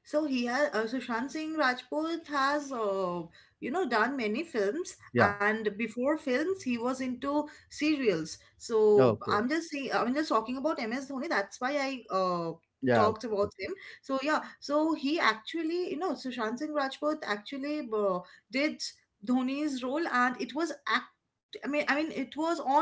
S2: So he has, Sushant Singh Rajput has, you know, done many films,
S1: Yeah.
S2: and before films he was into serials. So
S1: Okay.
S2: I'm just saying, I'm just talking about MS Dhoni. That's why I
S1: Yeah. Okay.
S2: talked about
S1: Okay.
S2: him. So yeah, so he actually, you know, Sushant Singh Rajput actually did Dhoni's role, and it was act. I mean, it was on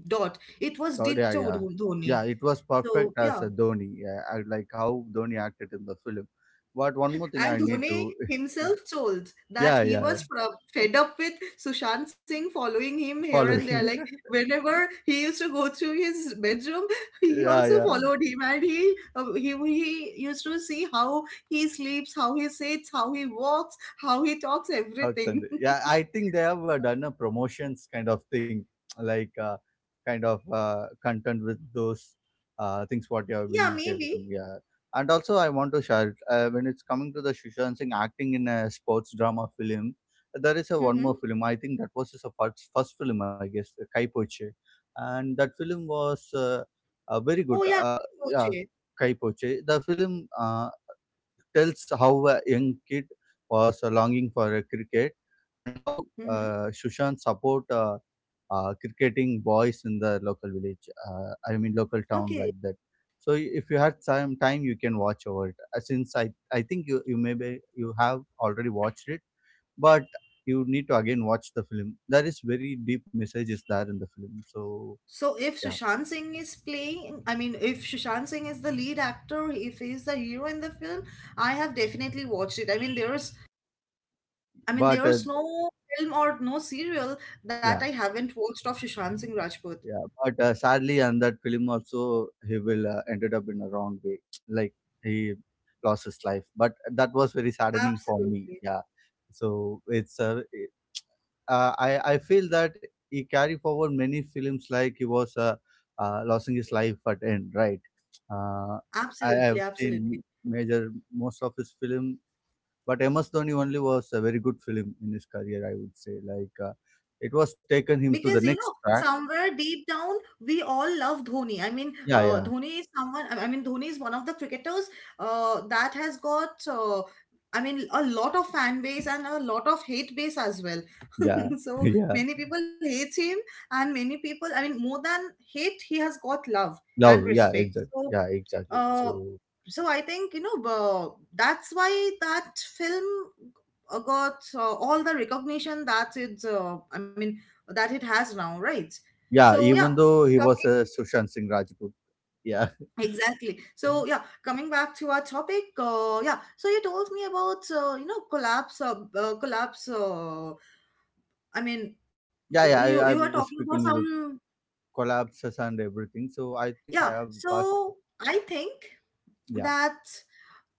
S2: dot. It was
S1: Oh, yeah,
S2: ditto
S1: yeah,
S2: Dhoni.
S1: yeah. It was
S2: So
S1: perfect
S2: yeah.
S1: as a Dhoni. Yeah, I like how Dhoni acted in the film. But one more thing
S2: And
S1: I need
S2: Dhoni
S1: to,
S2: himself told that
S1: yeah,
S2: he
S1: yeah, yeah.
S2: was fed up with Sushant Singh following him here
S1: Follow
S2: and there.
S1: him.
S2: Like, whenever he used to go through his bedroom, he
S1: Yeah,
S2: also
S1: yeah.
S2: followed him, and he used to see how he sleeps, how he sits, how he walks, how he talks,
S1: Cloud Sunday.
S2: everything.
S1: Yeah, I think they have done a promotions kind of thing, like kind of content with those things what you have
S2: Yeah,
S1: been telling to
S2: maybe.
S1: me. Yeah. And also, I want to share when it's coming to the Sushant Singh acting in a sports drama film. There is a one
S2: Hmm.
S1: more film. I think that was his first film, I guess, Kai Poche. And that film was very good.
S2: Oh, yeah.
S1: Uh, yeah,
S2: Okay.
S1: Kai Poche. The film. Tells how a young kid was longing for a cricket and how
S2: Hmm.
S1: Shushan support cricketing boys in the local village. I mean, local town
S2: Okay.
S1: like that. So I- if you had time, time you can watch over it. Since I think you maybe you have already watched it, but you need to again watch the film. There is very deep messages there in the film. So
S2: So if
S1: yeah,
S2: Sushant Singh is playing, I mean, if Sushant Singh is the lead actor, if he's the hero in the film, I have definitely watched it. I mean, there's, I mean,
S1: but
S2: there's no film or no serial that I
S1: yeah.
S2: haven't watched of Sushant Singh Rajput.
S1: Yeah, but sadly, and that film also he will ended up in a wrong way. Like he lost his life, but that was very saddening for me.
S2: Absolutely,
S1: Yeah, so I feel that he carry forward many films like he was losing his life at end, right? Uh, I
S2: absolutely,
S1: have seen
S2: absolutely.
S1: major most of his film, but MS Dhoni only was a very good film in his career. I would say like it was taken him
S2: Because,
S1: to
S2: you
S1: the
S2: know,
S1: next track.
S2: somewhere deep down, we all love Dhoni. I mean,
S1: Yeah, yeah.
S2: Dhoni is someone. I mean, Dhoni is one of the cricketers that has got. I mean, a lot of fan base, and a lot of hate base as well.
S1: Yeah,
S2: So
S1: yeah.
S2: many people hate him, and many people, I mean, more than hate, he has got love and
S1: No, yeah,
S2: respect.
S1: exactly.
S2: So.
S1: Yeah, exactly. So,
S2: Uh, so I think, you know, that's why that film got all the recognition that it, I mean, that it has now, right?
S1: yeah,
S2: So yeah,
S1: even though he was
S2: talking,
S1: a Sushant Singh Rajput, yeah,
S2: exactly. So
S1: yeah,
S2: yeah, coming back to our topic, yeah. So you told me about, you know, collapse, collapse. I mean,
S1: yeah,
S2: you
S1: yeah.
S2: you are
S1: I
S2: talking
S1: was
S2: about
S1: speaking with the
S2: some,
S1: collapses and everything. So I think
S2: yeah.
S1: I have passed.
S2: So I think
S1: Yeah.
S2: that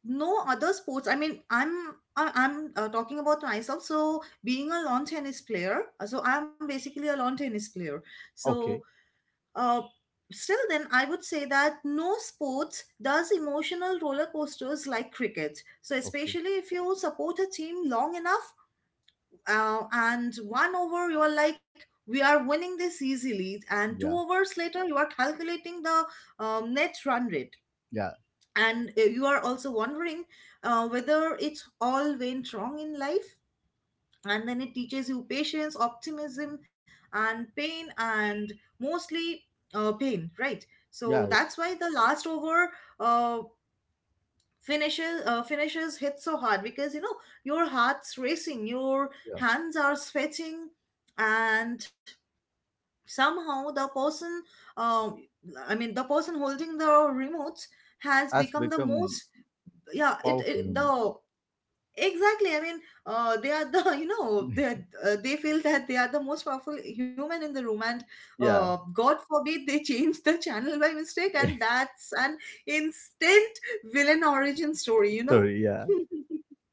S2: no other sports, I mean I'm I- I'm talking about myself, so being a lawn tennis player, so I'm basically a lawn tennis player, so
S1: Okay.
S2: uh, still then I would say that no sports does emotional roller coasters like cricket. So
S1: Okay.
S2: especially if you support a team long enough, and one over you're like, we are winning this easily, and two
S1: Yeah.
S2: overs later you are calculating the net run rate,
S1: Yeah.
S2: and you are also wondering whether it's all went wrong in life. And then it teaches you patience, optimism, and pain, and mostly, pain, right? So
S1: Yeah. Yeah.
S2: that's why the last over uh, finishes hit so hard, because, you know, your heart's racing, your
S1: Yeah.
S2: hands are sweating, and somehow the person, um, I mean, the person holding the remotes has
S1: Has
S2: become the
S1: become
S2: most, yeah, it,
S1: powerful
S2: it
S1: human.
S2: the exactly. I mean, they are the, you know, they are, they feel that they are the most powerful human in the room. And
S1: Yeah.
S2: god forbid they change the channel by mistake, and that's an instant villain origin story, you know.
S1: Sorry. Yeah.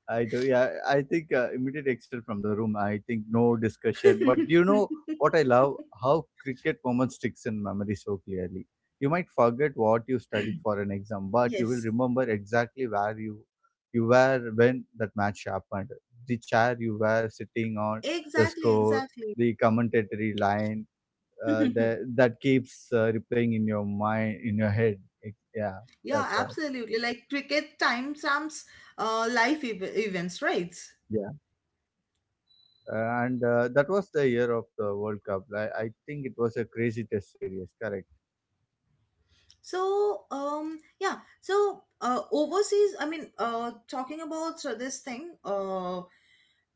S1: I do. Yeah, I think immediate exit from the room. I think no discussion. But you know what I love? How cricket moment sticks in memory so clearly. You might forget what you studied for an exam, but you will
S2: Yes,
S1: remember exactly where you were when that match happened. The chair you were sitting on, the
S2: exactly,
S1: score,
S2: exactly.
S1: the commentary line, that that keeps replaying in your mind, in your head. It- yeah,
S2: Yeah,
S1: that's what.
S2: absolutely. Like cricket timestamps life ev events, right?
S1: Yeah. And that was the year of the World Cup. I think it was a crazy test series, correct?
S2: So, yeah. So, overseas, I mean, talking about, so this thing,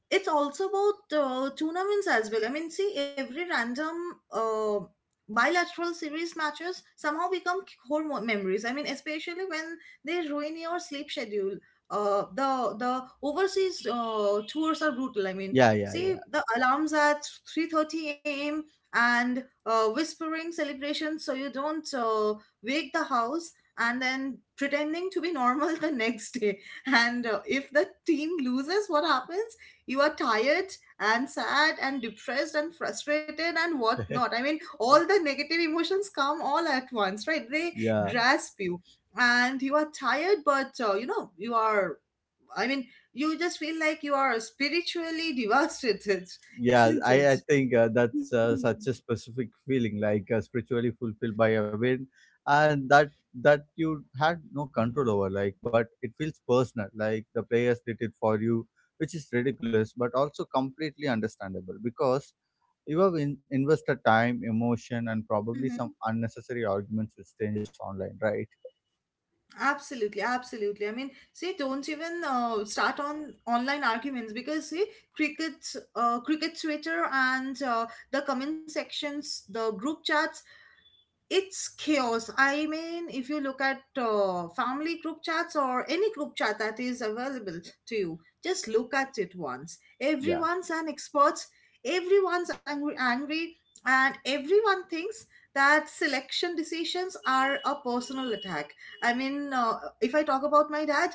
S2: it's also about tournaments as well. I mean, see, every random uh, bilateral series matches somehow become core memories. I mean, especially when they ruin your sleep schedule. The overseas tours are brutal. I mean,
S1: Yeah, yeah,
S2: see,
S1: yeah.
S2: the alarms at 3:30 a.m., and whispering celebrations so you don't wake the house, and then pretending to be normal the next day. And if the team loses, what happens? You are tired and sad and depressed and frustrated and whatnot. I mean, all the negative emotions come all at once, right? They
S1: Yeah,
S2: grasp you, and you are tired, but you know, you are, I mean, you just feel like you are spiritually devastated,
S1: yeah.
S2: isn't it?
S1: I think that's such a specific feeling, like spiritually fulfilled by a win, and that that you had no control over. Like, but it feels personal. Like the players did it for you, which is ridiculous, but also completely understandable because you have in- invested time, emotion, and probably
S2: Mhm.
S1: some unnecessary arguments with strangers online, right?
S2: Absolutely, absolutely. I mean, see, don't even start on online arguments because see, cricket, cricket Twitter and the comment sections, the group chats, it's chaos. I mean, if you look at family group chats or any group chat that is available to you, just look at it once.
S1: Yeah.
S2: Everyone's an expert, everyone's angry, and everyone thinks that selection decisions are a personal attack. i mean uh, if I talk about my dad,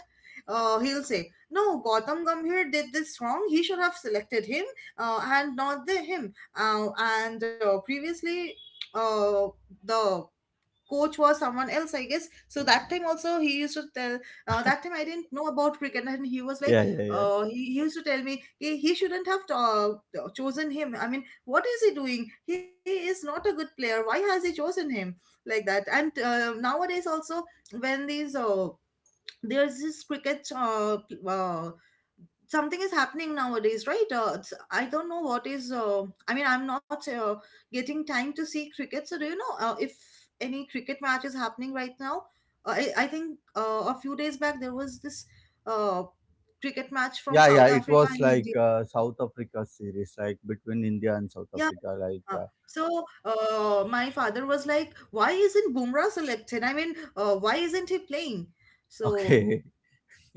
S2: he'll say, "No, Gautam Gambhir did this wrong, he should have selected him, and not the him." uh, and Previously, uh, the coach was someone else, I guess, so that time also he used to tell, that time I didn't know about cricket and he was like,
S1: Yeah, yeah, yeah.
S2: he used to tell me he shouldn't have chosen him. I mean, what is he doing? He is not a good player, why has he chosen him, like that. And nowadays also, when these there's this cricket something is happening nowadays, right? I don't know what is, I mean I'm not getting time to see cricket, so do you know if any cricket match is happening right now? I think a few days back there was this uh, cricket match from
S1: Yeah, yeah.
S2: South
S1: It
S2: Africa
S1: was
S2: and
S1: like
S2: India.
S1: South Africa series, like between India and South
S2: Yeah,
S1: Africa.
S2: yeah.
S1: Like,
S2: So my father was like, why isn't Bumrah selected? I mean, why isn't he playing? So
S1: okay,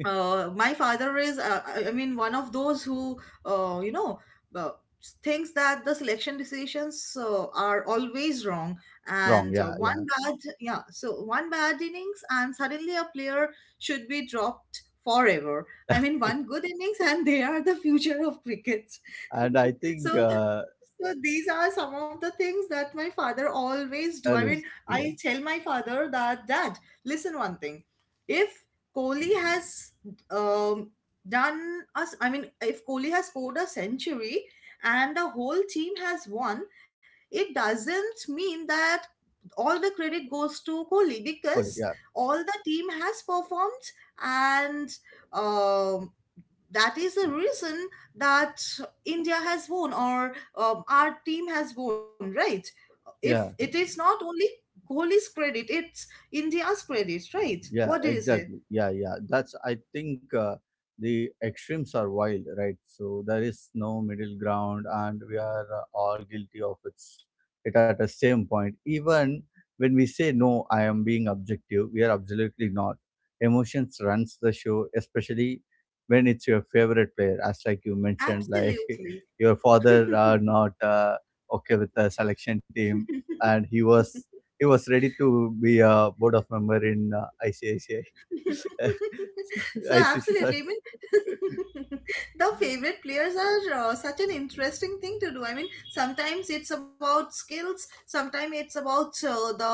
S2: my father is, I mean, one of those who, uh, you know uh, thinks that the selection decisions are always wrong.
S1: wrong.
S2: And
S1: Yeah, yeah.
S2: one bad, yeah, so one bad innings and suddenly a player should be dropped forever. I mean, one good innings and they are the future of cricket.
S1: And I think,
S2: So so these are some of the things that my father always do. I
S1: Alice,
S2: mean,
S1: yeah,
S2: I tell my father that, Dad, listen one thing. If Kohli has, um, done us, I mean, if Kohli has scored a century and the whole team has won, it doesn't mean that all the credit goes to Kohli,
S1: sorry,
S2: because
S1: yeah,
S2: all the team has performed, and, um, that is the reason that India has won, or, our team has won, right? If
S1: yeah.
S2: it is not only Kohli's credit, it's India's credit, right? What do
S1: Yeah,
S2: you say?
S1: exactly. Yeah, yeah. That's, I think the extremes are wild, right? So there is no middle ground, and we are all guilty of it's, it at the same point. Even when we say, no, I am being objective, we are absolutely not. Emotions runs the show, especially when it's your favorite player, as like you mentioned, like
S2: Absolutely.
S1: your father are not okay with the selection team, and he was ready to be a board of member in ICICI.
S2: So
S1: ICC, sorry.
S2: absolutely, I mean, the favorite players are such an interesting thing to do. I mean, sometimes it's about skills, sometimes it's about the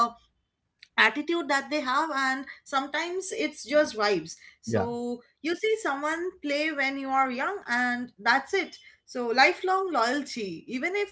S2: attitude that they have, and sometimes it's just vibes.
S1: Yeah,
S2: So you see someone play when you are young and that's it. So lifelong loyalty, even if,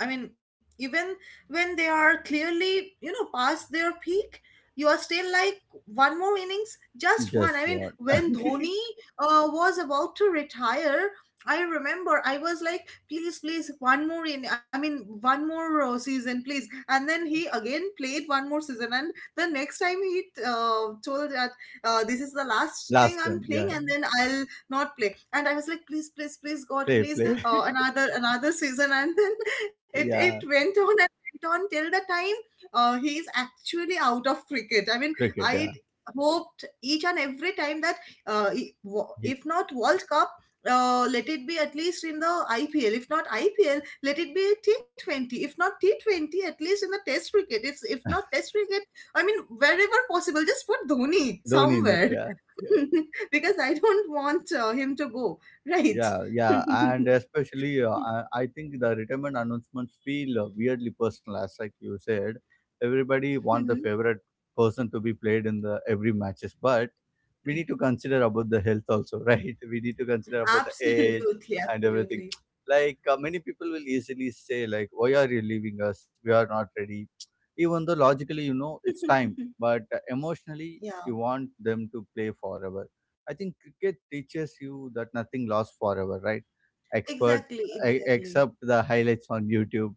S2: I mean, even when they are clearly, you know, past their peak, you are still like, one more innings, just
S1: just
S2: one. I mean,
S1: what
S2: when Dhoni was about to retire, I remember I was like, please, please, one more in. I mean, one more season, please. And then he again played one more season, and the next time he told that this is the last thing
S1: last
S2: I'm
S1: time.
S2: playing,
S1: Yeah,
S2: and
S1: yeah.
S2: then I'll not play. And I was like, please, please, please, God,
S1: Play,
S2: please,
S1: play.
S2: uh, another another season. And then it
S1: Yeah,
S2: went on and went on till the time he's actually out of cricket. I mean,
S1: cricket.
S2: I
S1: Yeah,
S2: hoped each and every time that,
S1: he,
S2: if not World Cup. Let it be at least in the IPL. If not IPL, let it be T20. If not T20, at least in the Test cricket. It's if not Test cricket, I mean, wherever possible, just put Dhoni
S1: Dhoni in it.
S2: somewhere.
S1: Yeah.
S2: Because I don't want him to go. Right.
S1: Yeah, yeah, and especially I think the retirement announcements feel weirdly personal, as like you said, everybody want the
S2: Mhm.
S1: favorite person to be played in the every matches, but we need to consider about the health also, right? We need to consider about the age
S2: Absolutely,
S1: and everything.
S2: absolutely.
S1: Like many people will easily say, like, "Why are you leaving us? We are not ready." Even though logically you know it's time, but emotionally
S2: Yeah,
S1: you want them to play forever. I think cricket teaches you that nothing lasts forever, right? Expert,
S2: exactly,
S1: I,
S2: exactly.
S1: except the highlights on YouTube.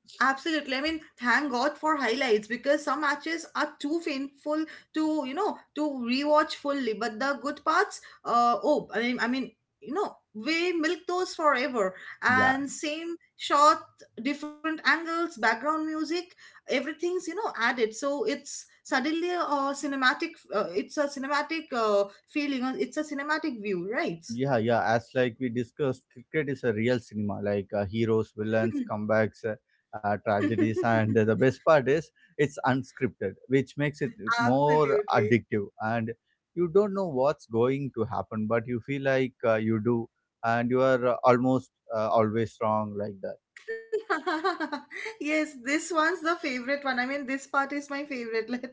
S2: Absolutely. I mean, thank God for highlights, because some matches are too painful to, you know, to rewatch fully. But the good parts, oh, I mean, you know, we milk those forever.
S1: Yeah,
S2: And same shot, different angles, background music, everything's, you know, added. So it's suddenly a cinematic, it's a cinematic view, right?
S1: yeah, yeah. As like we discussed, cricket is a real cinema, like heroes, villains, comebacks, tragedies, and the best part is it's unscripted, which makes it more
S2: Absolutely.
S1: addictive. And you don't know what's going to happen, but you feel like you do, and you are almost always wrong, like that.
S2: Yes, this one's the favorite one. I mean, this part is my favorite. Let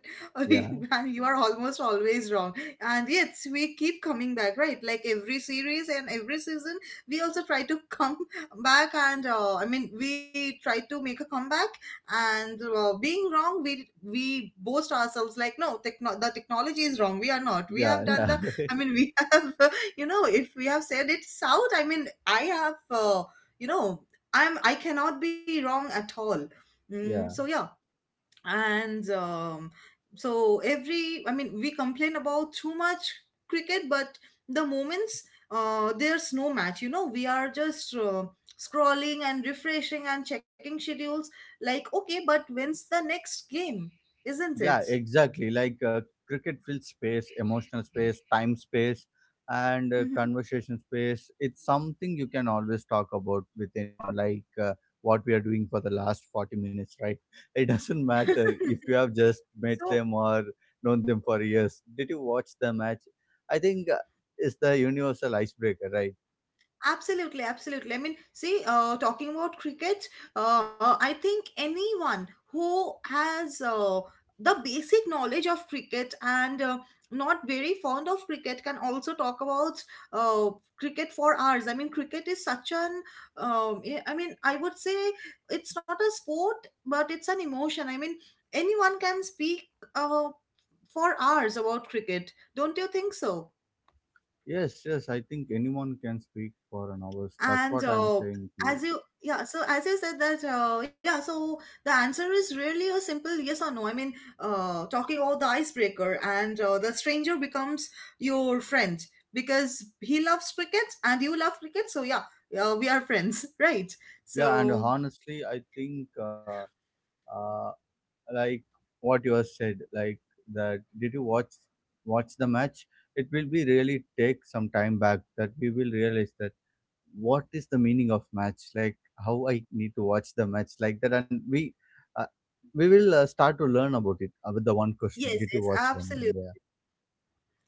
S1: Yeah,
S2: you are almost always wrong. And yes, we keep coming back, right? Like every series and every season, we also try to come back and, I mean, we try to make a comeback. And being wrong, we boast ourselves like, no, the technology is wrong. We are not. We have
S1: yeah,
S2: done
S1: yeah,
S2: the. I mean, we have. You know, if we have said it's out, I mean, I have. You know, I cannot be wrong at all. Mm, so
S1: yeah.
S2: yeah. And, so every, I mean, we complain about too much cricket, but the moments, there's no match, you know, we are just scrolling and refreshing and checking schedules like, okay, but when's the next game, isn't it?
S1: Yeah, exactly. Like cricket fills space, emotional space, time space, and
S2: Mhm.
S1: conversation space. It's something you can always talk about with anyone, like what we are doing for the last 40 minutes, right? It doesn't matter if you have just met
S2: So
S1: them or known them for years. Did you watch the match? I think it's the universal icebreaker, right?
S2: absolutely, absolutely. I mean, see, talking about cricket, I think anyone who has the basic knowledge of cricket and not very fond of cricket can also talk about uh, cricket for hours. I mean, cricket is such an, I mean, I would say it's not a sport, but it's an emotion. I mean, anyone can speak uh, for hours about cricket. Don't you think so?
S1: Yes, yes. I think anyone can speak for an hour. That's
S2: And
S1: what I'm saying to
S2: as
S1: you.
S2: you, yeah, so as you said that, yeah, so the answer is really a simple yes or no. I mean, talking about the icebreaker and the stranger becomes your friend because he loves cricket and you love cricket. So, yeah, we are friends, right?
S1: Yeah, and
S2: So,
S1: honestly, I think. Uh, like what you have said, like that did you watch the match? It will be really take some time back that we will realize that what is the meaning of match, like how I need to watch the match like that, and uh, we will start to learn about it with the one question:
S2: yes,
S1: Did you
S2: yes,
S1: watch them?
S2: absolutely.
S1: Yeah,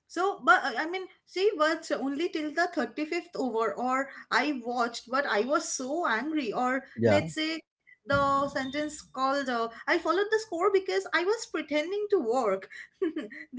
S2: So, but I mean, she watched only till the 35th over, or I watched, but I was so angry. Or
S1: yeah,
S2: let's say the sentence called, I followed the score because I was pretending to work.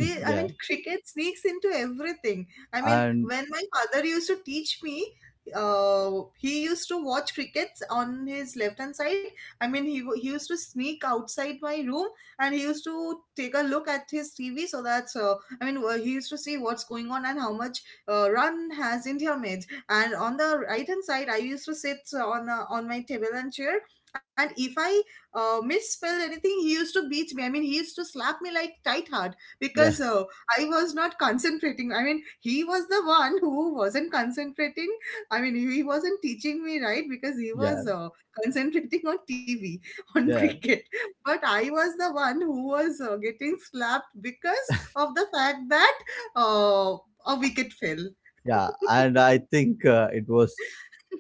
S2: I mean,
S1: yeah,
S2: cricket sneaks into everything. I mean,
S1: and
S2: when my father used to teach me, he used to watch crickets on his left hand side. I mean, he used to sneak outside my room and he used to take a look at his TV so that. I mean, he used to see what's going on and how much run has India made. And on the right hand side, I used to sit on, on my table and chair. And if I misspelled anything, he used to beat me. I mean, he used to slap me like tight hard because,
S1: yeah,
S2: I was not concentrating. I mean, he was the one who wasn't concentrating. I mean, he wasn't teaching me right because he
S1: yeah,
S2: was concentrating on TV, on
S1: yeah.
S2: cricket. But I was the one who was getting slapped because of the fact that, uh, a wicket fell.
S1: Yeah, and I think it was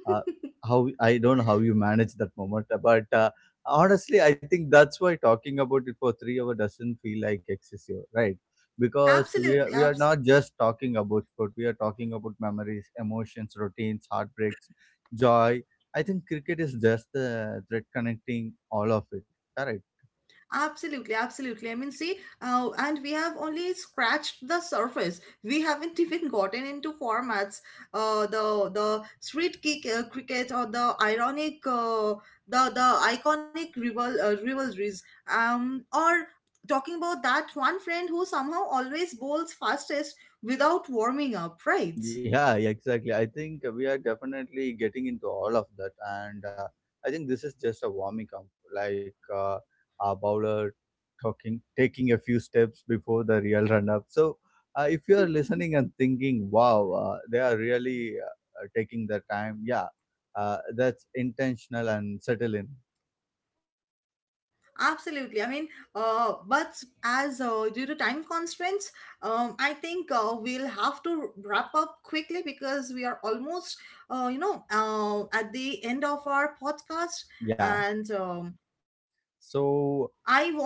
S1: uh, how I don't know how you managed that moment, but honestly, I think that's why talking about it for 3 hours doesn't feel like excessive, right? Because we are
S2: Absolutely,
S1: we are
S2: abs-
S1: not just talking about sport; we are talking about memories, emotions, routines, heartbreaks, joy. I think cricket is just the thread connecting all of it. Correct.
S2: Absolutely, absolutely. I mean, see, and we have only scratched the surface. We haven't even gotten into formats, the street kick cricket, or the ironic, the iconic rival rivalries. Or talking about that one friend who somehow always bowls fastest without warming up, right?
S1: Yeah, yeah, exactly. I think we are definitely getting into all of that, and I think this is just a warming up, like a bowler talking, taking a few steps before the real run-up. So, if you are listening and thinking, "Wow, they are really taking their time," yeah, that's intentional and settle in.
S2: Absolutely. I mean, but as due to time constraints, I think we'll have to wrap up quickly because we are almost, you know, at the end of our podcast. And,
S1: Yeah.
S2: I want you to, I
S1: So
S2: mean, uh,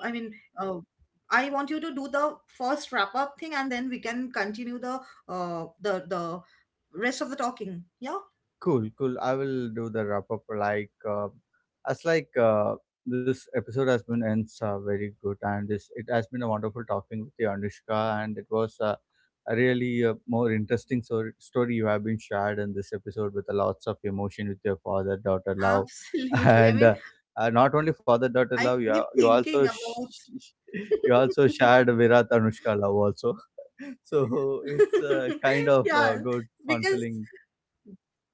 S2: I want you to do the first wrap up thing, and then we can continue the the rest of the talking. Yeah,
S1: cool, cool. I will do the wrap up. Like, as like this episode has been ends very good, and this it has been a wonderful talking with you, Anushka, and it was a really more interesting story you have been shared in this episode with a lots of emotion with your father daughter love,
S2: absolutely. I
S1: and
S2: mean, I keep
S1: not only father
S2: thinking
S1: daughter love,
S2: about.
S1: you are, you also you also shared Virat Anushka love also, so it's
S2: Yeah,
S1: kind of a good
S2: because
S1: fun filling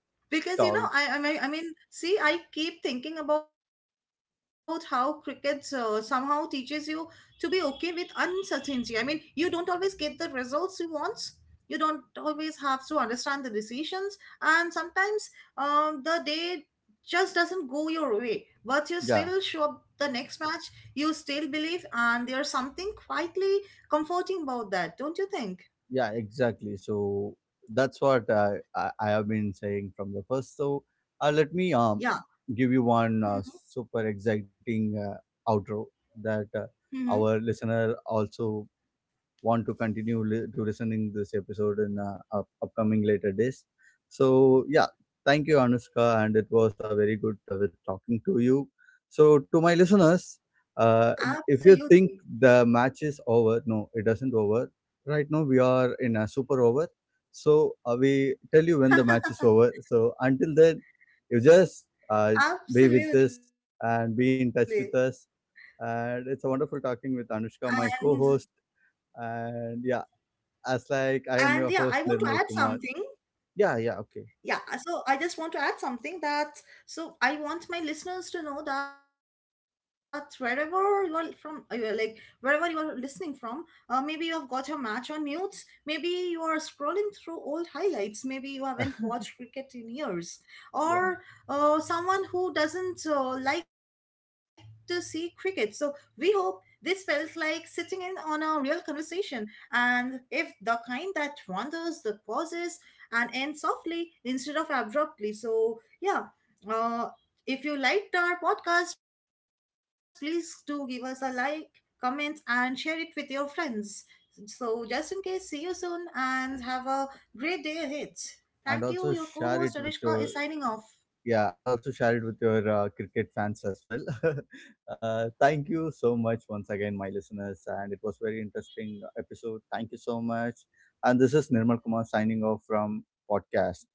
S2: you know
S1: talk.
S2: I mean see I keep thinking about how cricket somehow teaches you to be okay with uncertainty. I mean, you don't always get the results you want, you don't always have to understand the decisions, and sometimes, the day just doesn't go your way, but you still show
S1: Yeah.
S2: up the next match, you still believe, and there's something quietly comforting about that, don't you think?
S1: Yeah, exactly. So that's what I have been saying from the first. So let me
S2: Yeah.
S1: give you one super exciting outro that our listener also want to continue to listening this episode in upcoming later days. So yeah, thank you, Anushka, and it was very good with talking to you. So to my listeners, uh,
S2: Absolutely.
S1: if you think the match is over, no, it doesn't over. Right now we are in a super over. So we tell you when the match is over. So until then, you just be with us
S2: Absolutely.
S1: and be in touch with us. And it's a wonderful talking
S2: And
S1: with Anushka, my co-host. And yeah, as
S2: and
S1: like
S2: yeah,
S1: I
S2: I
S1: am
S2: want
S1: your
S2: to add
S1: host Nirmal
S2: something.
S1: Kumar. Yeah, yeah,
S2: Yeah,
S1: okay,
S2: so I just want to add something, that, so I want my listeners to know that wherever you are from, you are like, wherever you are listening from, maybe you have got your match on mute, maybe you are scrolling through old highlights, maybe you haven't watched cricket in years, or
S1: yeah.
S2: someone who doesn't like to see cricket. So we hope this felt like sitting in on a real conversation, and if the kind that wanders, that pauses and end softly instead of abruptly. So, yeah, uh, if you liked our podcast, please do give us a like, comments, and share it with your friends. So, just in case, see you soon and have a great day ahead. Thank you. Your co
S1: And
S2: host
S1: also
S2: Anishka is
S1: share it
S2: signing
S1: with
S2: off.
S1: your yeah, and also share it with your cricket fans as well. Uh, thank you so much once again, my listeners, and it was very interesting episode. Thank you so much. And this is Nirmal Kumar signing off from podcast.